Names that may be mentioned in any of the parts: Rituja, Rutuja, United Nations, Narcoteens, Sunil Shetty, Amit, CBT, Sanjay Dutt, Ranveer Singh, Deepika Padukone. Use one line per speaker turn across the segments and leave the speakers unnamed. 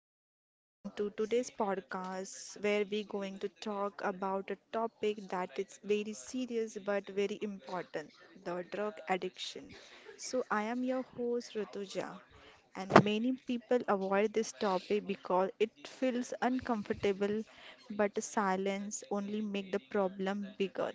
welcome everyone to today's podcast where we're going to talk about a topic that is very serious but very important, the drug addiction. So, I am your host Rituja, and many people avoid this topic because it feels uncomfortable, but silence only make the problem bigger.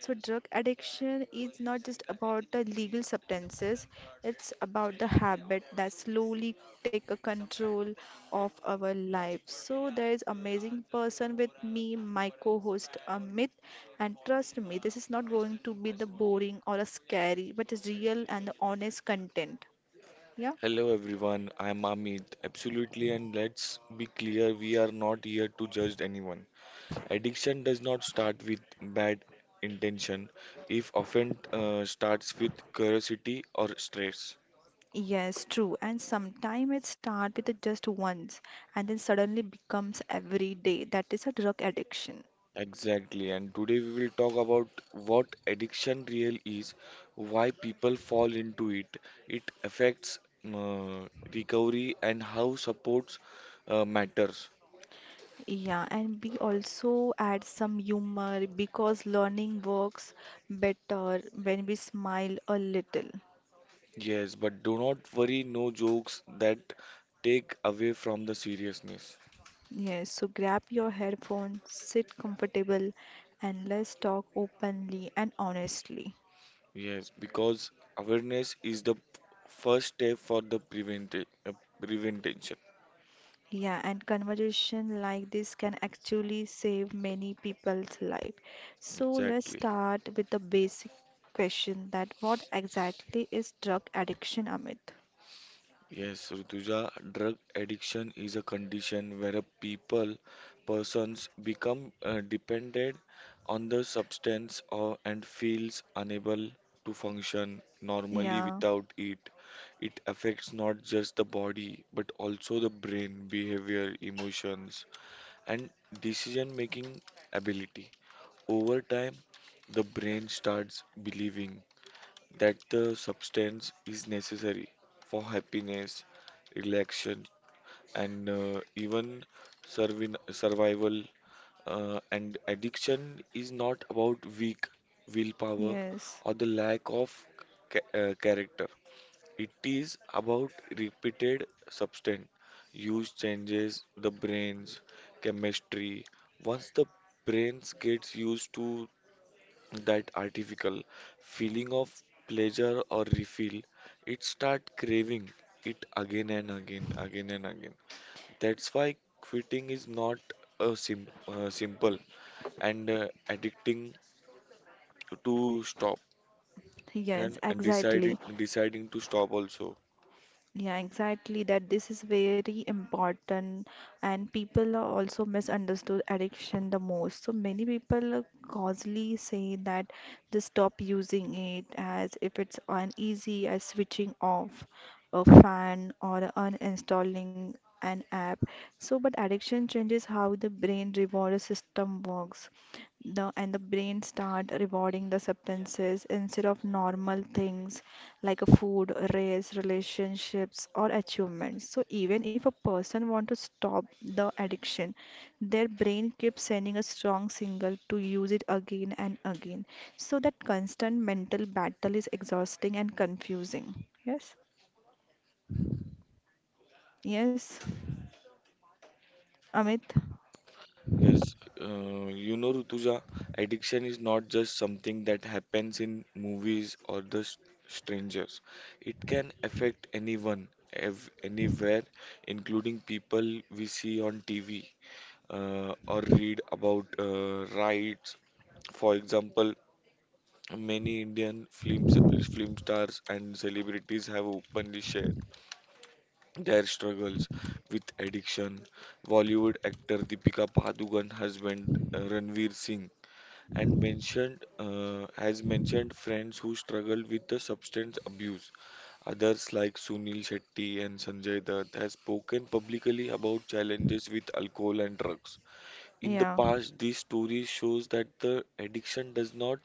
So, drug addiction is not just about the legal substances, it's about the habit that slowly take a control of our life. So, there is amazing person with me, my co-host Amit, and trust me, this is not going to be the boring or a scary, but it's real and honest content. Yeah.
Hello everyone, I'm Amit. Absolutely, and let's be clear, we are not here to judge anyone. Addiction does not start with bad intention, if often starts with curiosity or stress.
Yes, true. And sometimes it starts with just once and then suddenly becomes every day. That is a drug addiction.
Exactly, and today we will talk about what addiction real is, why people fall into it, it affects uh, recovery, and how supports matters.
Yeah, and we also add some humor because learning works better when we smile a little.
Yes, but do not worry, no jokes that take away from the seriousness.
Yes, so grab your headphones, sit comfortable, and let's talk openly and honestly.
Yes, because awareness is the first step for the prevention.
Yeah, and conversation like this can actually save many people's life. So let's
Exactly.
start with the basic question that what exactly is drug addiction, Amit?
Yes, Rutuja, drug addiction is a condition where a people, persons become dependent on the substance or and feels unable to function normally
Yeah,
without it. It affects not just the body but also the brain, behavior, emotions, and decision-making ability. Over time, the brain starts believing that the substance is necessary for happiness, relaxation, and even survival. And addiction is not about weak willpower
yes.
or the lack of character. It is about repeated substance use changes the brain's chemistry. Once the brains gets used to that artificial feeling of pleasure or refill, it start craving it again and again, again and again. That's why quitting is not a simple and addicting to stop
Yes,
and,
exactly.
deciding to stop also.
Yeah, exactly. That this is very important, and people are also misunderstood addiction the most. So many people causally say that they stop using it as if it's uneasy as switching off a fan or uninstalling an app. So, but addiction changes how the brain reward system works the and the brain start rewarding the substances instead of normal things like a food, race, relationships, or achievements. So even if a person want to stop the addiction, their brain keeps sending a strong signal to use it again and again. So that constant mental battle is exhausting and confusing. Yes. Yes, Amit.
Yes, you know, Rutuja, addiction is not just something that happens in movies or the strangers. It can affect anyone, ev anywhere, including people we see on TV or read about rights. For example, many Indian films, film stars and celebrities have openly shared their struggles with addiction. Bollywood actor Deepika Padukone husband Ranveer Singh and mentioned has mentioned friends who struggled with the substance abuse. Others like Sunil Shetty and Sanjay Dutt has spoken publicly about challenges with alcohol and drugs. In the
Yeah.
past, this story shows that the addiction does not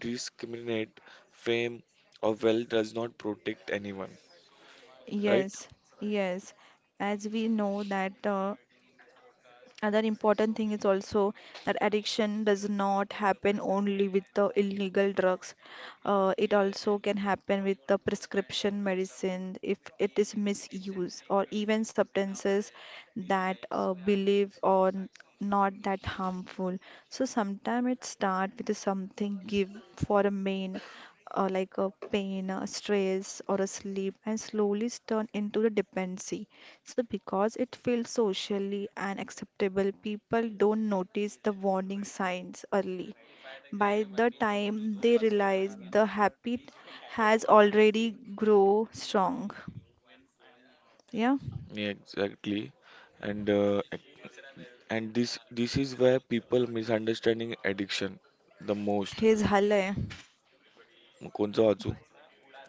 discriminate, fame or wealth does not protect anyone, right?
Yes. Yes. As we know that another important thing is also that addiction does not happen only with the illegal drugs. It also can happen with the prescription medicine if it is misused, or even substances that believe or not that harmful. So sometimes it start with something give for a main like a pain, a stress, or a sleep, and slowly turn into the dependency. So, because it feels socially unacceptable, people don't notice the warning signs early. By the time they realize the habit has already grown strong. Yeah,
Yeah, exactly. And and this is where people misunderstanding addiction the most.
हे झालंय
मग कोणचं वाचू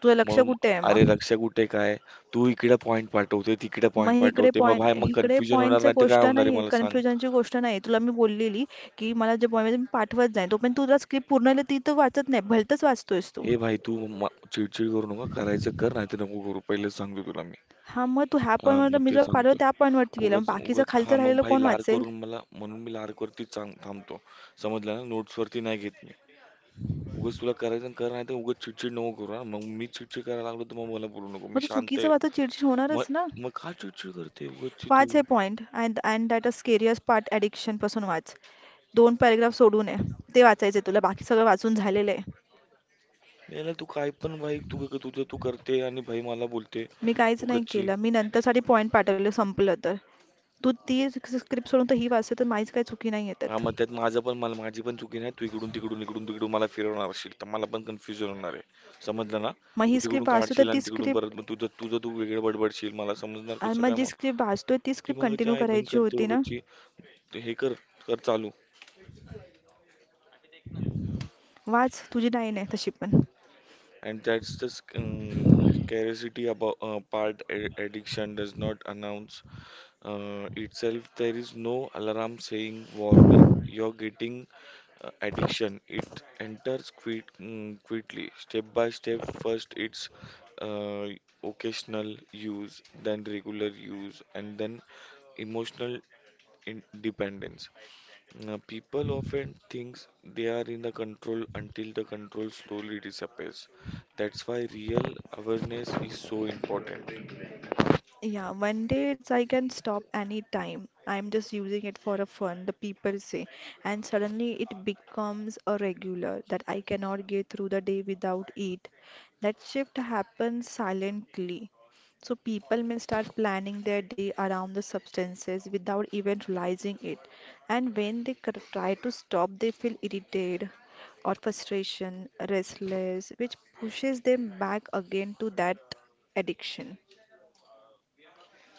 तुझं लक्ष
म्हणून
कुठे आहे
अरे
मग
रक्षा कुठे काय तू इकडे पॉइंट पाठवते तिकडे
मग
पॉइंट
इकडे
पाठवते मग
पॉइंट
भाई मग
इकडे
कन्फ्युजन होणार
पॉइंटचं
नाही तर
गोष्ट
काय होणार आहे
नाही
मला सांग
कन्फ्युजनची गोष्ट नाही तुला मी बोललेली की मला जे पॉइंट मी पाठवत जाईन तोपर्यंत तुझा स्क्रिप्ट पूर्ण लिहिली ती तर वाचत नाही भलतंच वाचतोयस तू
ए भाई तू म- चिडचिड करू नका करायचं कर नाही तर नको करू पहिले सांगतो तुला मी
हां मग तू ह्या
हा मग
पॉईंटवरनं मी
ते
जो पाहिलं
सांगतो
त्या पॉईंटवरती गेला मग
उगाच
बाकीचं
उगाच हा
खालचं
मग
राहिलेलं
भाई
कोण
लार
वाचेल
करून मला म्हणून मी लार वरतीच थांबतो समजलं ना नोट्स वरती नाही घेत उगाच तुला करायचं आणि कर, नाहीतर उगाच चिडचिड नको करू हां. मग मी चिडचिड करायला लागलो तर मग मला बोलू नको. मी
मग तो
शांत
चुकीचं
आहे.
वाचून चिडचिड होणारच ना
मग मग का चिडचिड करते उगाचची
वाच
तू?
हे point and and that a serious part ॲडिक्शनपासून वाच दोन पॅरेग्राफ सोडून आहे ते वाचायचे तुला बाकी सगळं वाचून झालेलं आहे
याला तू काय पण भाई तू तुझं तू करते आणि भाई मला बोलते
मी काहीच नाही
उगाचची.
केलं मी नंतरसाठी पॉईंट पाठवले संपलं तर तू ती स्क्रिप्ट सोडून तर ही वाचते तर माझीच काही चुकी नाही
हां,
येतात
मग त्यात माझं पण मला माझी पण चुकी नाही. तू इकडून-तिकडून, इकडून-तिकडून मला फिरवणार असशील तर मला पण कन्फ्युजन होणार आहे. समजलं ना?
मग
तू
ही
तिकडून
स्क्रिप्ट वाचतो तर
काढशील
ती
आणि तिकडून परत
स्क्रिप्ट
मग तुझं तुझं तू वेगळं बडबडशील. मला समजणार कसं
मग
काय
जी
मग?
स्क्रिप्ट वाचतोय ती
ती
स्क्रिप्ट
मगाची
कंटिन्यू
आई-बहीण
करायची
करते
होती ना
उगाचची. हे कर, कर चालू.
वाच तुझी नाही नाही तशी पण
And that's the scarcity about part addiction does not announce itself. There is no alarm saying warning. You're getting addiction. It enters quickly, step by step. First, it's uh, occasional use, then regular use, and then emotional independence. Now, people often think they are in the control until the control slowly disappears. That's why real awareness is so important.
Yeah, one day it's I can stop anytime. I'm just using it for a fun, the people say. And suddenly it becomes a regular that I cannot get through the day without it. That shift happens silently. So people may start planning their day around the substances without even realizing it. And when they try to stop, they feel irritated or frustration, restless, which pushes them back again to that addiction.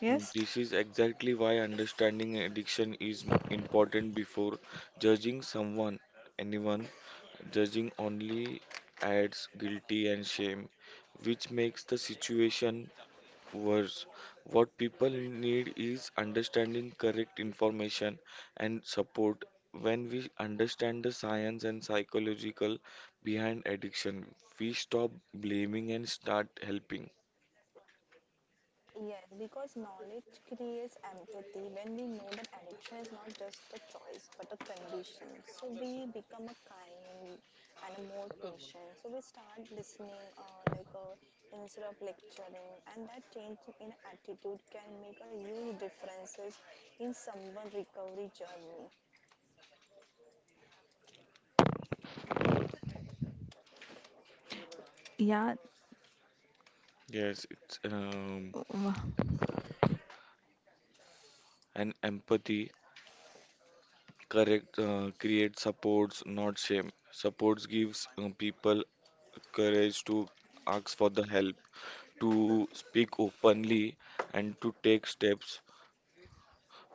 Yes?
This is exactly why understanding addiction is important before judging someone, anyone. Judging only adds guilty and shame, which makes the situation worse. What people need is understanding correct information and support. When we understand the science and psychological behind addiction, we stop blaming and start helping.
Yes, because knowledge creates empathy when we know that addiction is not just a choice but a condition. So we become a kind and a more patient. So we start listening, like, instead of lecturing, and that change in attitude can make a huge differences in someone recovery. या
Yes, it's and empathy correct create supports, not shame. Supports gives people courage to ask for the help, to speak openly, and to take steps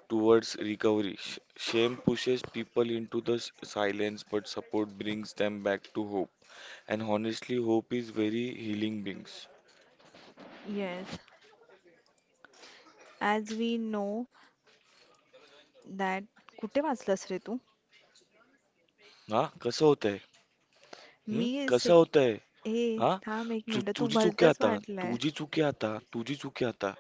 towards recovery. Shame pushes people into the silence, but support brings them back to hope. And honestly, hope is very healing brings.
Yes as we know that कुठे वाचलंस रे तू
हा कसं होतंय
मी
हम्म कसं
सेक
होतंय
ए
हा
थांब एक
चु-
मिनटं तू
तुझी चुकी
भलतंच
आता
वाटलंय
तुझी चुकी आता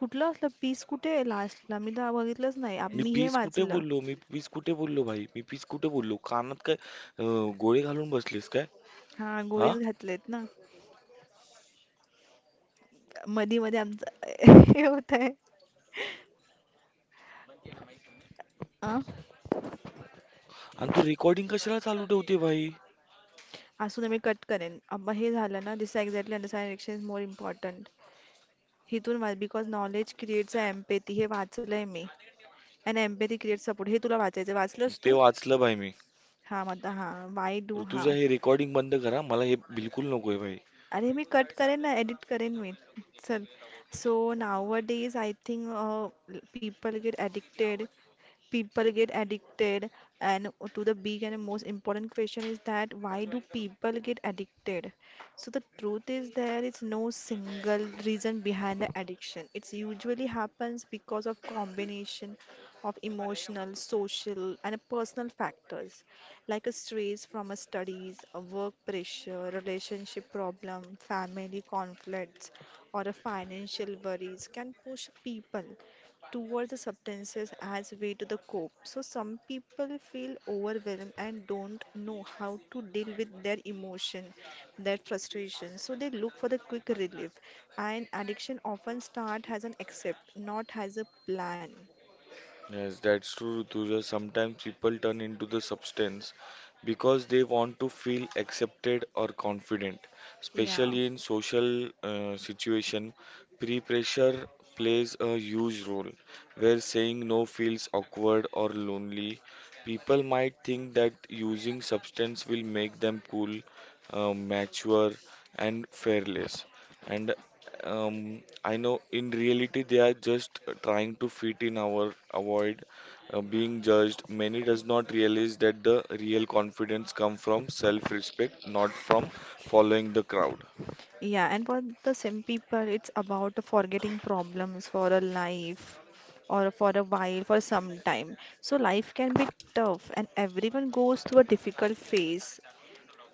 कुठलं असलं पीस कुठे आहे लास्टला मी तर बघितलंच नाही आप-
मी
मी हे
पीस कुठे
वाचलं
बोललो भाई मी पीस कुठे बोललो कानात काय अं, गोळे घालून बसलीस काय
हा
हा
गोळीच घातलेत ना मधी मध्ये आमचं हे होत आहे आ?
आणि तू रेकॉर्डिंग कशाला चालू ठेवते भाई
असू दे मी कट करेन अब हे झालं ना this exactly understand action is more important हिथून वाच because knowledge creates a empathy हे वाचलंय मी अँड एम्पॅथी क्रिएट्स सपोर्ट हे तुला वाचायचं वाचलंस
ते
तू
वाचलं भाई मी
हा मग आता हा वाय डू हा
ऋतुजा हे रेकॉर्डिंग बंद करा मला हे बिलकुल नकोय भाई
अरे मी कट करेन ना एडिट करेन मी चल, सो nowadays I think people get addicted and, to the big and most important question is that why do people get addicted. So the truth is there is no single reason behind the addiction, it usually happens because of combination of emotional, social and personal factors like a stress from a studies, a work pressure, relationship problem, family conflicts, or a financial worries can push people towards the substances as way to the cope. So some people feel overwhelmed and don't know how to deal with their emotion, their frustration. So they look for the quick relief. And addiction often start as an accept, not as a plan.
Yes, that's true, Rutuja. Sometimes people turn into the substance because they want to feel accepted or confident,
Yeah.
especially in social situation. Pre-pressure plays a huge role, where saying no feels awkward or lonely. People might think that using substance will make them cool, mature, and fearless. And I know in reality they are just trying to fit in our avoid being judged. Many does not realize that the real confidence come from self-respect, not from following the crowd.
Yeah, and for the same people, it's about forgetting problems for a life or for a while, for some time. So life can be tough, and everyone goes through a difficult phase.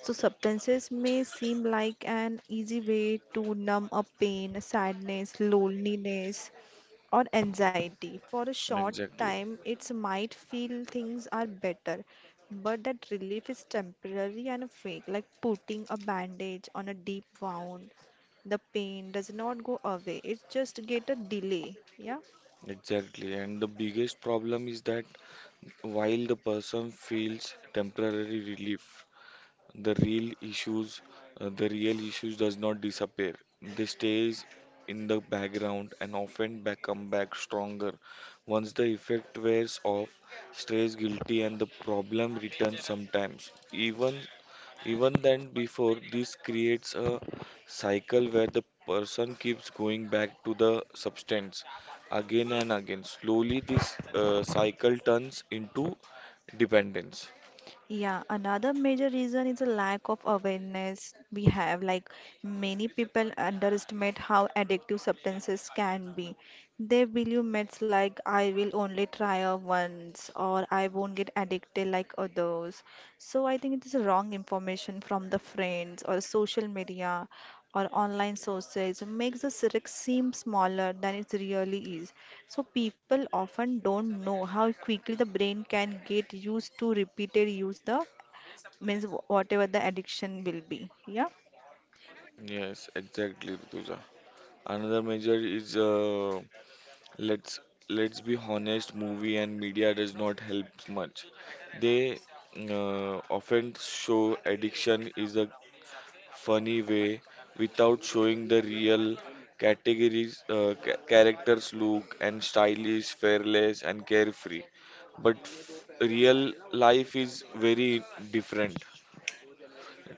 So substances may seem like an easy way to numb a pain, sadness, loneliness, or anxiety. For a short
Exactly.
time, it might feel things are better, but that relief is temporary and fake, like putting a bandage on a deep wound. The pain does not go away, it just get a delay. Yeah.
Exactly. And the biggest problem is that while the person feels temporary relief, the real issues does not disappear, they stays in the background and often back come back stronger once the effect wears off, stays guilty and the problem returns sometimes even even then before. This creates a cycle where the person keeps going back to the substance again and again. Slowly this cycle turns into dependence.
Yeah, another major reason is a lack of awareness we have. Like many people underestimate how addictive substances can be. They believe myths like I will only try a once or I won't get addicted like others. So I think it is wrong information from the friends or social media or online sources makes the syrinx seem smaller than it really is. So people often don't know how quickly the brain can get used to repeated use the means whatever the addiction will be. Yeah.
Yes, exactly, Rituja. Another major is let's let's be honest, movie and media does not help much. They often show addiction is a funny way without showing the real categories, characters look and stylish, fearless and carefree. But real life is very different.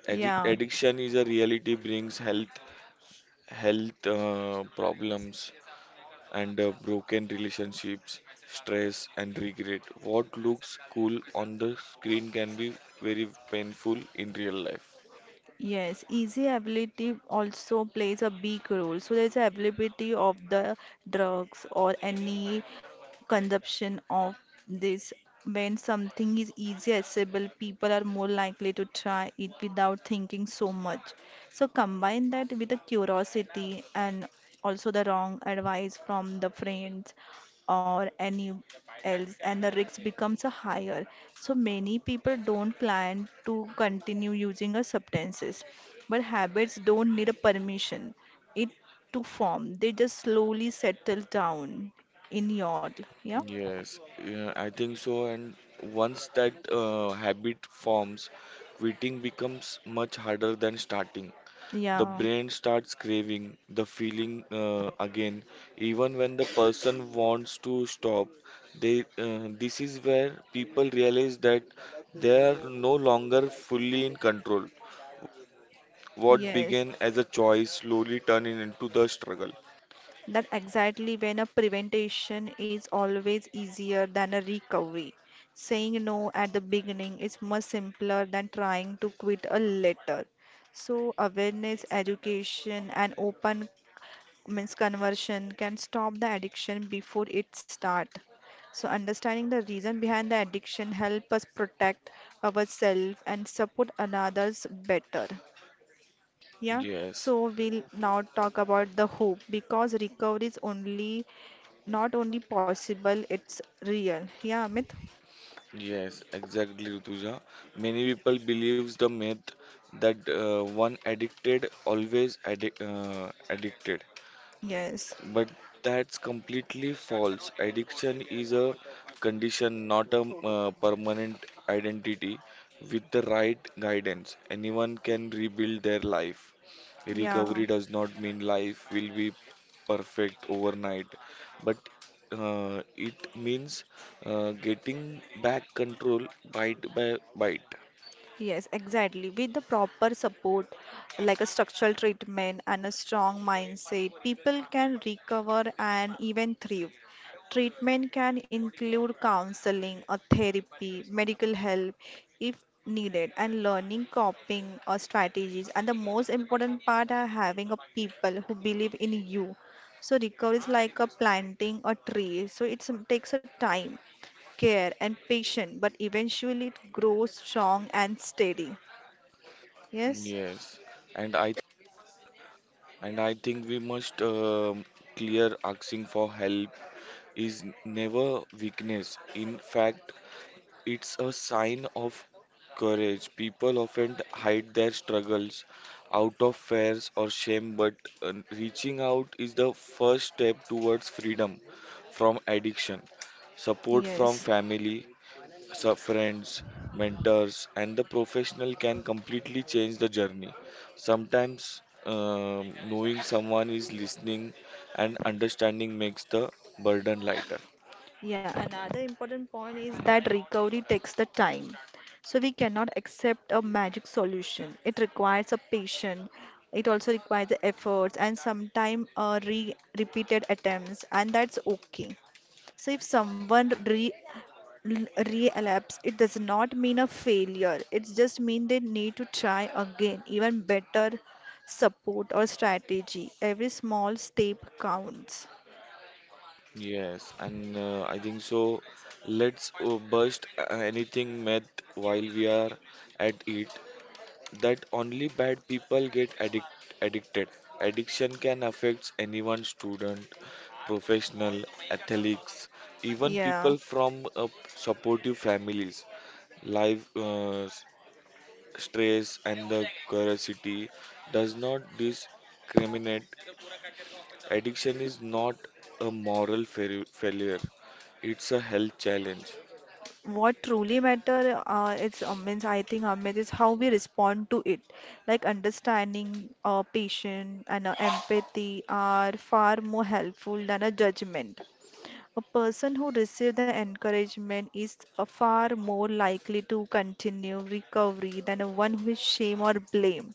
Yeah.
Addiction is a reality brings health problems and broken relationships, stress, and regret. What looks cool on the screen can be very painful in real life.
Yes, easy availability also plays a big role. So there's availability of the drugs or any consumption of this. When something is easy accessible, people are more likely to try it without thinking so much. So combine that with the curiosity and also the wrong advice from the friends or any else, and the risk becomes a higher. So many people don't plan to continue using a substances, but habits don't need a permission, it to form, they just slowly settle down in your, yeah.
Yes, yeah, I think so. And once that habit forms, quitting becomes much harder than starting. The
Yeah,
brain starts craving the feeling again, even when the person wants to stop. This is where people realize that they are no longer fully in control. What
yes.
began as a choice slowly turning into the struggle.
That exactly when a prevention is always easier than a recovery. Saying no at the beginning is much simpler than trying to quit a later. So awareness, education, and open means conversion can stop the addiction before it starts. So understanding the reason behind the addiction help us protect ourselves and support others better. Yeah,
Yes,
so we'll now talk about the hope because recovery is only not only possible, it's real. Yeah, Amit?
yes, exactly, Rutuja. Many people believes the myth that one addicted always addicted.
Yes.
But that's completely false. Addiction is a condition, not a permanent identity. With the right guidance, anyone can rebuild their life.
Yeah.
Recovery does not mean life will be perfect overnight, but it means getting back control bite by bite.
Yes, exactly. With the proper support, like a structural treatment and a strong mindset, people can recover and even thrive. Treatment can include counseling or therapy, medical help if needed, and learning coping or strategies. And the most important part are having a people who believe in you. So recovery is like a planting a tree. So it takes a time, care and patience, but eventually it grows strong and steady. Yes?
Yes, and I and I think we must clear asking for help is never weakness. In fact, it's a sign of courage. People often hide their struggles out of fears or shame, but uh, reaching out is the first step towards freedom from addiction. Support from
Yes.
family, so friends, mentors, and the professional can completely change the journey. Sometimes knowing someone is listening and understanding makes the burden lighter.
Yeah, another important point is that recovery takes the time. So we cannot accept a magic solution. It requires a patience. It also requires the efforts and sometimes re repeated attempts, and that's okay. So if someone l- relapse, it does not mean a failure, it's just mean they need to try again, even better support or strategy. Every small step counts.
Yes, and I think so. Let's bust anything myth while we are at it. That only bad people addicted. Addiction can affect anyone: student, professional, athletes, even
Yeah.
people from supportive families. Life stress and the curiosity does not discriminate. Addiction is not a moral failure, it's a health challenge.
What truly matter it's means I think, Amit, is how we respond to it. Like understanding patient and empathy are far more helpful than a judgment. A person who receives the encouragement is far more likely to continue recovery than one who is shame or blame.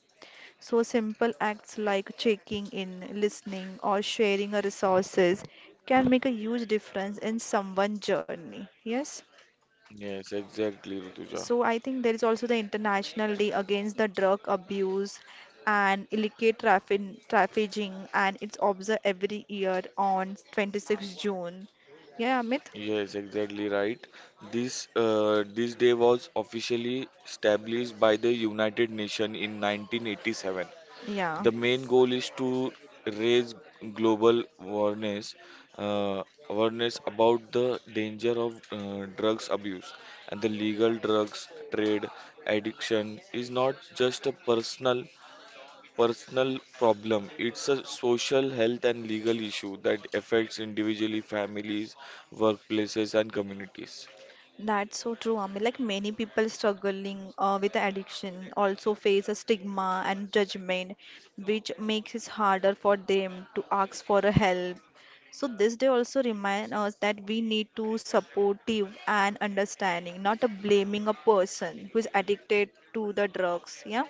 So simple acts like checking in, listening, or sharing a resources can make a huge difference in someone's journey. Yes.
Yes, exactly, Rutuja.
So I think there is also the International Day Against the Drug Abuse and Illicit Traffic Trafficking, and it's observed every year on June 26. Yeah, Amit.
Yes, exactly right. This day was officially established by the United Nations in 1987.
Yeah.
The main goal is to raise global awareness uh, about the danger of drugs abuse and the legal drugs trade. Addiction is not just a personal problem. It's a social health and legal issue that affects individually families, workplaces, and communities.
That's so true, Ami. Like many people struggling with addiction also face a stigma and judgment, which makes it harder for them to ask for a help. So this day also remind us that we need to supportive and understanding, not a blaming a person who is addicted to the drugs. Yeah.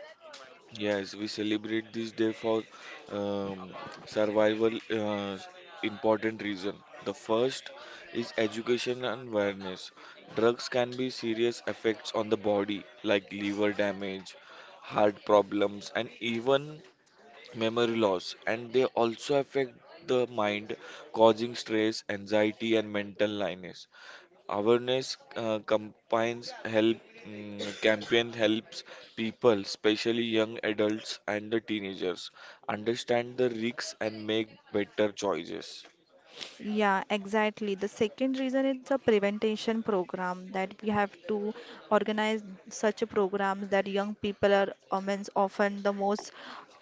Yes, we celebrate this day for um, survival important reason. The first is education and awareness. Drugs can be serious effects on the body like liver damage, heart problems and even memory loss, and they also affect the mind causing stress, anxiety and mental illness. Awareness campaign helps people, especially young adults and the teenagers, understand the risks and make better choices.
Yeah, exactly. The second reason, it's a prevention program that we have to organize such a programs that young people are, often the most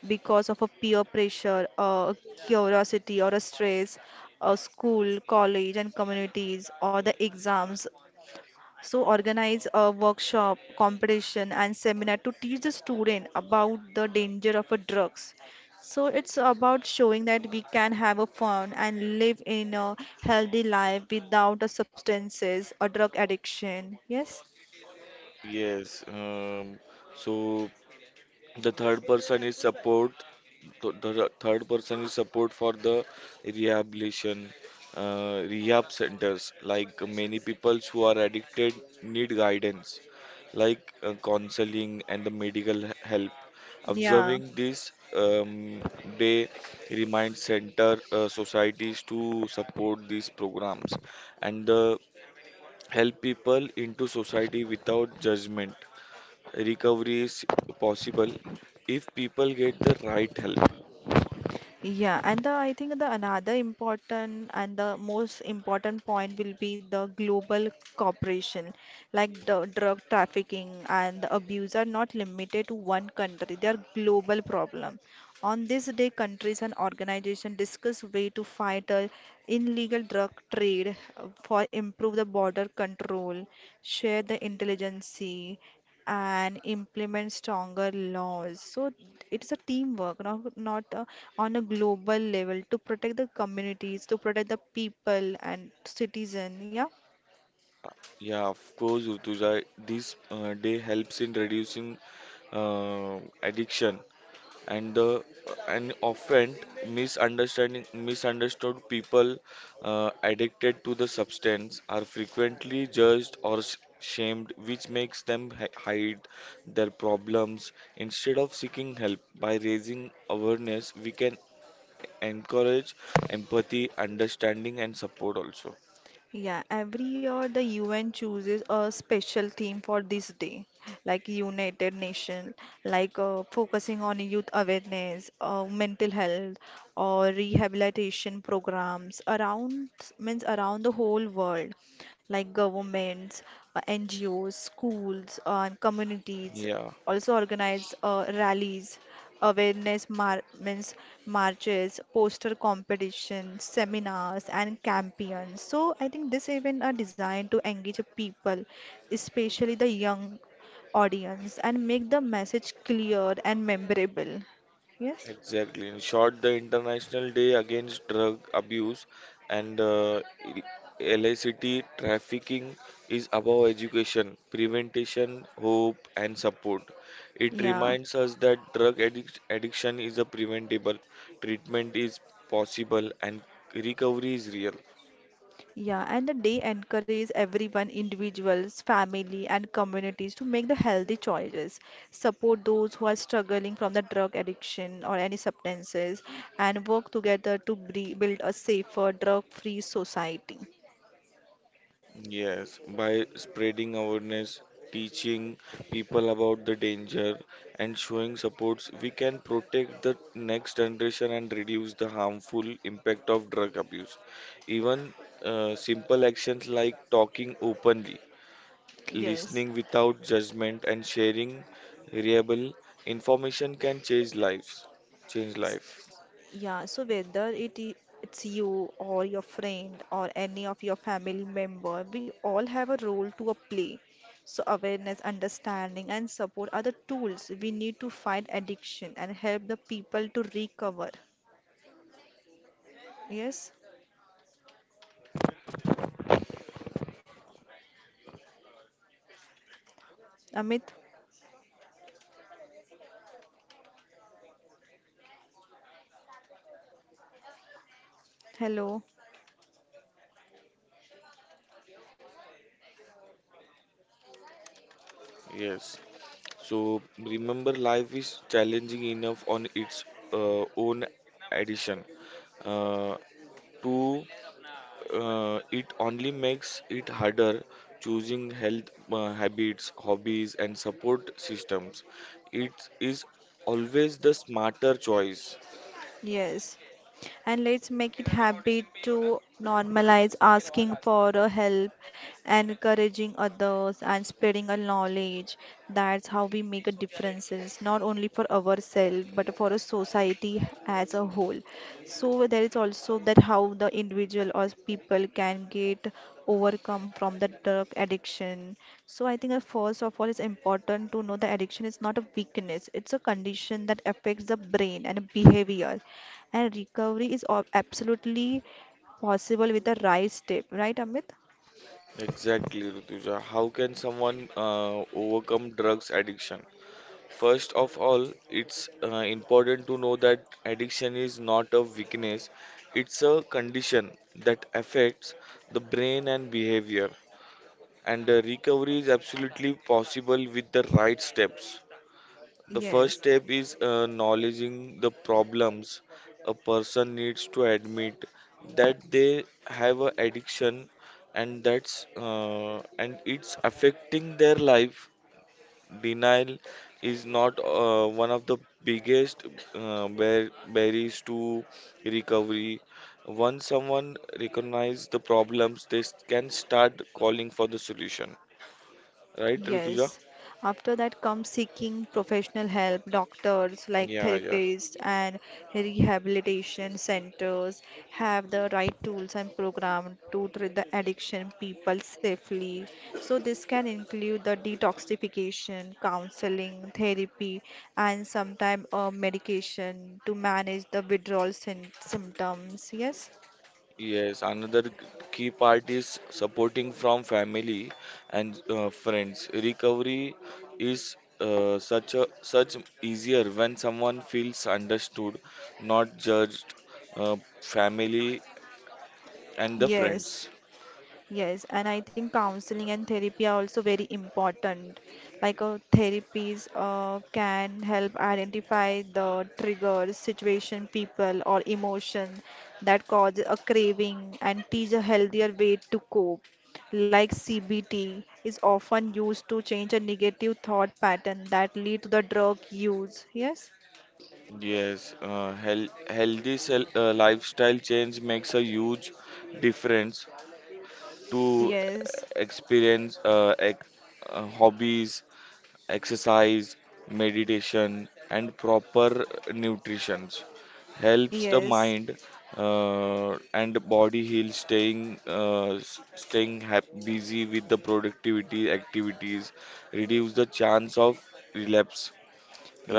because of a peer pressure, curiosity or a stress, school, college and communities or the exams, so organize a workshop, competition, and seminar to teach the student about the danger of a drugs. So it's about showing that we can have a fun and live in a healthy life without a substances or drug addiction. Yes?
Yes, so the third person is support. The third person is support for the rehabilitation, rehab centers. Like many people who are addicted need guidance, like counseling and the medical help.
Yeah.
Observing this, they remind center societies to support these programs and help people into society without judgment. Recovery is possible if people get the right help.
Yeah, I think the another important and the most important point will be the global cooperation. Like the drug trafficking and the abuse are not limited to one country; they are global problem. On this day, countries and organizations discuss way to fight illegal drug trade for improve the border control, share the intelligence, and implement stronger laws. So it's a teamwork, not, on a global level to protect the communities, to protect the people and citizen. Yeah.
Yeah, of course, Rutuja, this day helps in reducing uh, addiction and the and often misunderstanding misunderstood people addicted to the substance are frequently judged or shamed, which makes them hide their problems instead of seeking help. By raising awareness we can encourage empathy, understanding, and support also.
Yeah, every year the UN chooses a special theme for this day, like United Nations, like focusing on youth awareness, mental health, or rehabilitation programs around, means around the whole world, like governments, NGOs, schools, and communities
Yeah,
also organized rallies, awareness mar- means marches, poster competitions, seminars, and campaigns. So I think this event are designed to engage people, especially the young audience, and make the message clear and memorable. Yes.
exactly. In short, the International Day Against Drug Abuse and illicit trafficking is about education, prevention, hope, and support. It
Yeah.
reminds us that drug addiction is a preventable, treatment is possible, and recovery is real.
Yeah, and the day encourages everyone, individuals, family, and communities to make the healthy choices. Support those who are struggling from the drug addiction or any substances, and work together to build a safer, drug-free society.
Yes, by spreading awareness, teaching people about the danger, and showing supports, we can protect the next generation and reduce the harmful impact of drug abuse. Even simple actions like talking openly,
Yes.
listening without judgment, and sharing reliable information can change lives. Change life.
Yeah, so it's you or your friend or any of your family member, we all have a role to a play. So awareness, understanding, and support are the tools we need to fight addiction and help the people to recover. Yes, Amit. Hello.
Yes. So remember, life is challenging enough on its own addition. Uh, to it only makes it harder choosing health habits, hobbies, and support systems. It is always the smarter choice.
Yes. And let's make it habit to normalize asking for a help and encouraging others and spreading our knowledge. That's how we make a differences, not only for ourselves but for a society as a whole. So there is also that how the individual or people can get overcome from the drug addiction. So I think, first of all, it's important to know that addiction is not a weakness. It's a condition that affects the brain and behavior, and recovery is absolutely possible with the right step, right, Amit?
Exactly, Rutuja. How can someone overcome drugs addiction? First of all, it's important to know that addiction is not a weakness, it's a condition that affects the brain and behavior. And the recovery is absolutely possible with the right steps. The first
Yes,
step is acknowledging the problems. A person needs to admit that they have an addiction and that's and it's affecting their life. Denial is not one of the biggest barriers to recovery. Once someone recognizes the problems, can start calling for the solution. Right, Rituja?
yes. After that comes seeking professional help, doctors like
Yeah, yeah.
therapists and rehabilitation centers have the right tools and program to treat the addiction people safely. So this can include the detoxification, counseling, therapy, and sometimes medication to manage the withdrawal syn symptoms. Yes.
Yes, key part is supporting from family and friends. Recovery is such easier when someone feels understood, not judged. Family and the
Yes.
friends.
Yes, and I think counseling and therapy are also very important. Like a therapies can help identify the triggers, situation, people, or emotion that cause a craving and teach a healthier way to cope. Like CBT is often used to change a negative thought pattern that lead to the drug use. Yes,
Yes, healthy lifestyle change makes a huge difference to
yes,
experience hobbies, exercise, meditation, and proper nutrition. Helps the
yes.
mind and body heal, staying staying busy with the productivity activities, reduce the chance of relapse.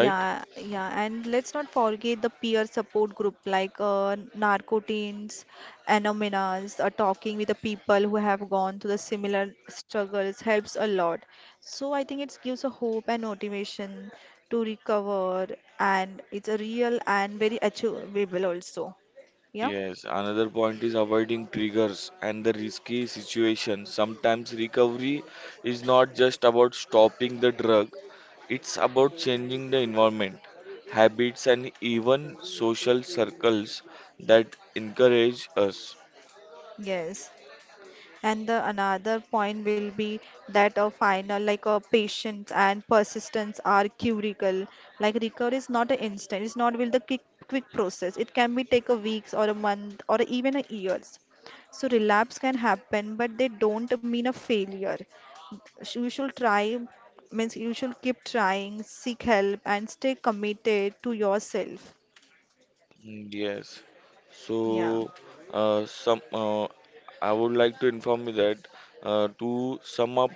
Right?
yeah, and let's not forget the peer support group, like Narcoteens, Anonymous, talking with the people who have gone through the similar struggles helps a lot. So I think it gives a hope and motivation to recover, and it's a real and very achievable also. Yeah,
Yes, another point is avoiding triggers and the risky situation. Sometimes recovery is not just about stopping the drug, it's about changing the environment, habits, and even social circles that encourage us.
yes. And the another point will be that a final, like a patience and persistence are curable. Like recovery is not an instant. It's not will the quick process. It can be take a weeks or a month or even a years. So relapse can happen, but they don't mean a failure. So you should try, means you should keep trying, seek help, and stay committed to yourself.
Mm, yes.
Yeah.
So, some I would like to inform you that to sum up,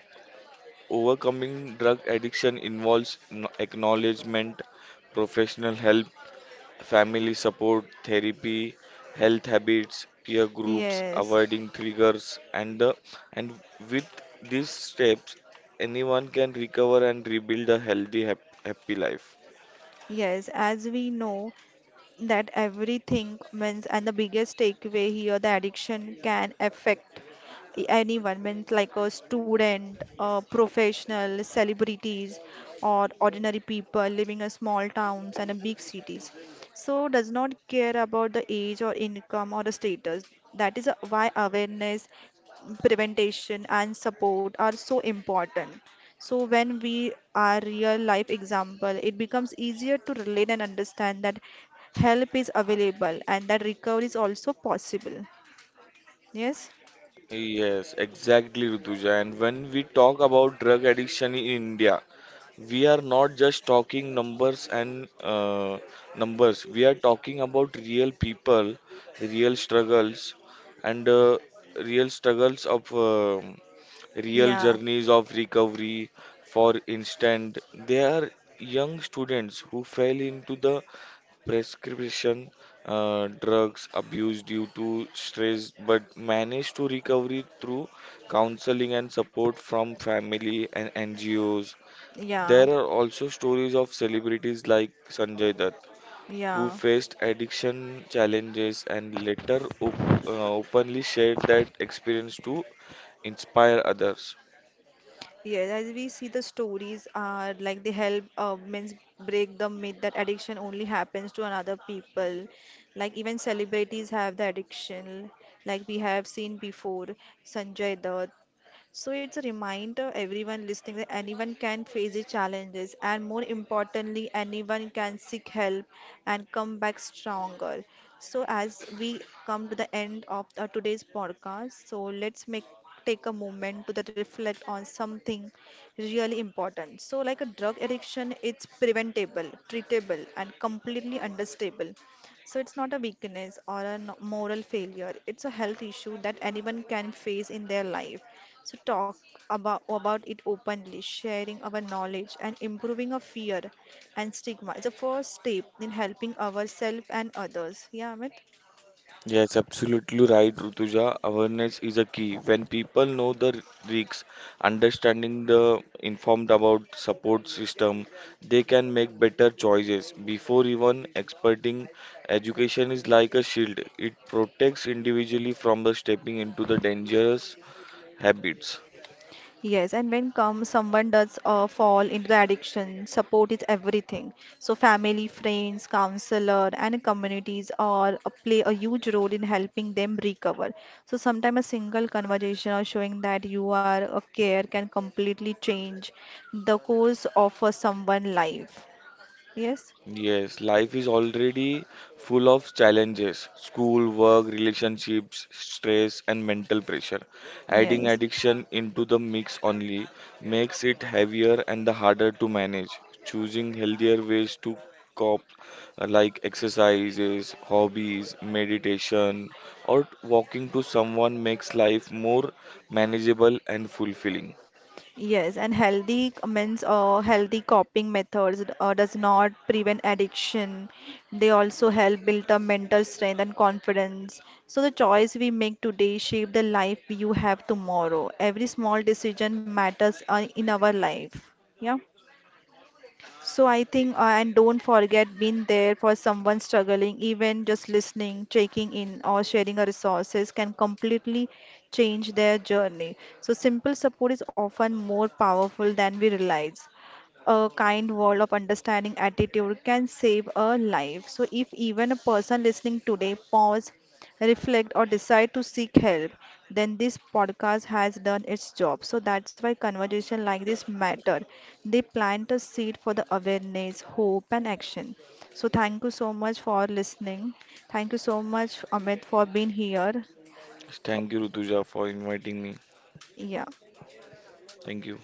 overcoming drug addiction involves acknowledgement, professional help, family support, therapy, health habits, peer groups,
Yes.
avoiding triggers, and with these steps, anyone can recover and rebuild a healthy, happy life.
Yes. As we know, that everything means and the biggest takeaway here, the addiction can affect anyone, means like a student, a professional, celebrities, or ordinary people living in small towns and a big cities. So does not care about the age or income or the status. That is why awareness, prevention and support are so important. So when we are real life example, it becomes easier to relate and understand that help is available and that recovery is also possible. Yes?
Yes, exactly, Rutuja. And when we talk about drug addiction in India, we are not just talking numbers. We are talking about real people, real struggles, and real struggles of um real
Yeah,
journeys of recovery. For instance, there are young students who fell into the prescription drugs abuse due to stress but managed to recovery through counseling and support from family and NGOs.
yeah,
There are also stories of celebrities like Sanjay Dutt who
yeah.
faced addiction challenges and later openly shared that experience to inspire others.
Yes, as we see, the stories are like they help means break the myth that addiction only happens to another people. Like even celebrities have the addiction, like we have seen before, Sanjay Dutt. So it's a reminder everyone listening that anyone can face the challenges, and more importantly, anyone can seek help and come back stronger. So as we come to the end of today's podcast, so let's make take a moment to that reflect on something really important. So like a drug addiction, it's preventable, treatable and completely understandable. So it's not a weakness or a moral failure. It's a health issue that anyone can face in their life. So talk about it openly, sharing our knowledge and improving our fear and stigma is the first step in helping ourselves and others. Yeah, Amit?
Yes, absolutely right, Rutuja. Awareness is a key. When people know the risks, understanding the informed about support system, they can make better choices. Before even experting, education is like a shield. It protects individually from the stepping into the dangerous habits.
Yes, and when come someone does fall into the addiction, support is everything. So family, friends, counselor, and communities all play a huge role in helping them recover. So sometimes a single conversation or showing that you are a care can completely change the course of someone's life. Yes,
Yes, life is already full of challenges school, work, relationships, stress, and mental pressure. Adding
yes.
addiction into the mix only makes it heavier and the harder to manage. Choosing healthier ways to cope, like exercises, hobbies, meditation, or walking to someone, makes life more manageable and fulfilling.
Yes, and healthy means healthy coping methods does not prevent addiction. They also help build up mental strength and confidence. So the choice we make today shape the life you have tomorrow. Every small decision matters in our life. Yeah. So I think, and don't forget being there for someone struggling, even just listening, checking in, or sharing a resources can completely change their journey. So simple support is often more powerful than we realize. A kind word of understanding attitude can save a life. So if even a person listening today pause, reflect, or decide to seek help, then this podcast has done its job. So that's why conversation like this matter. They plant a seed for the awareness, hope, and action. So thank you so much for listening. Thank you so much, Amit, for being here.
Thank you, Rutuja, for inviting me.
Yeah.
Thank you.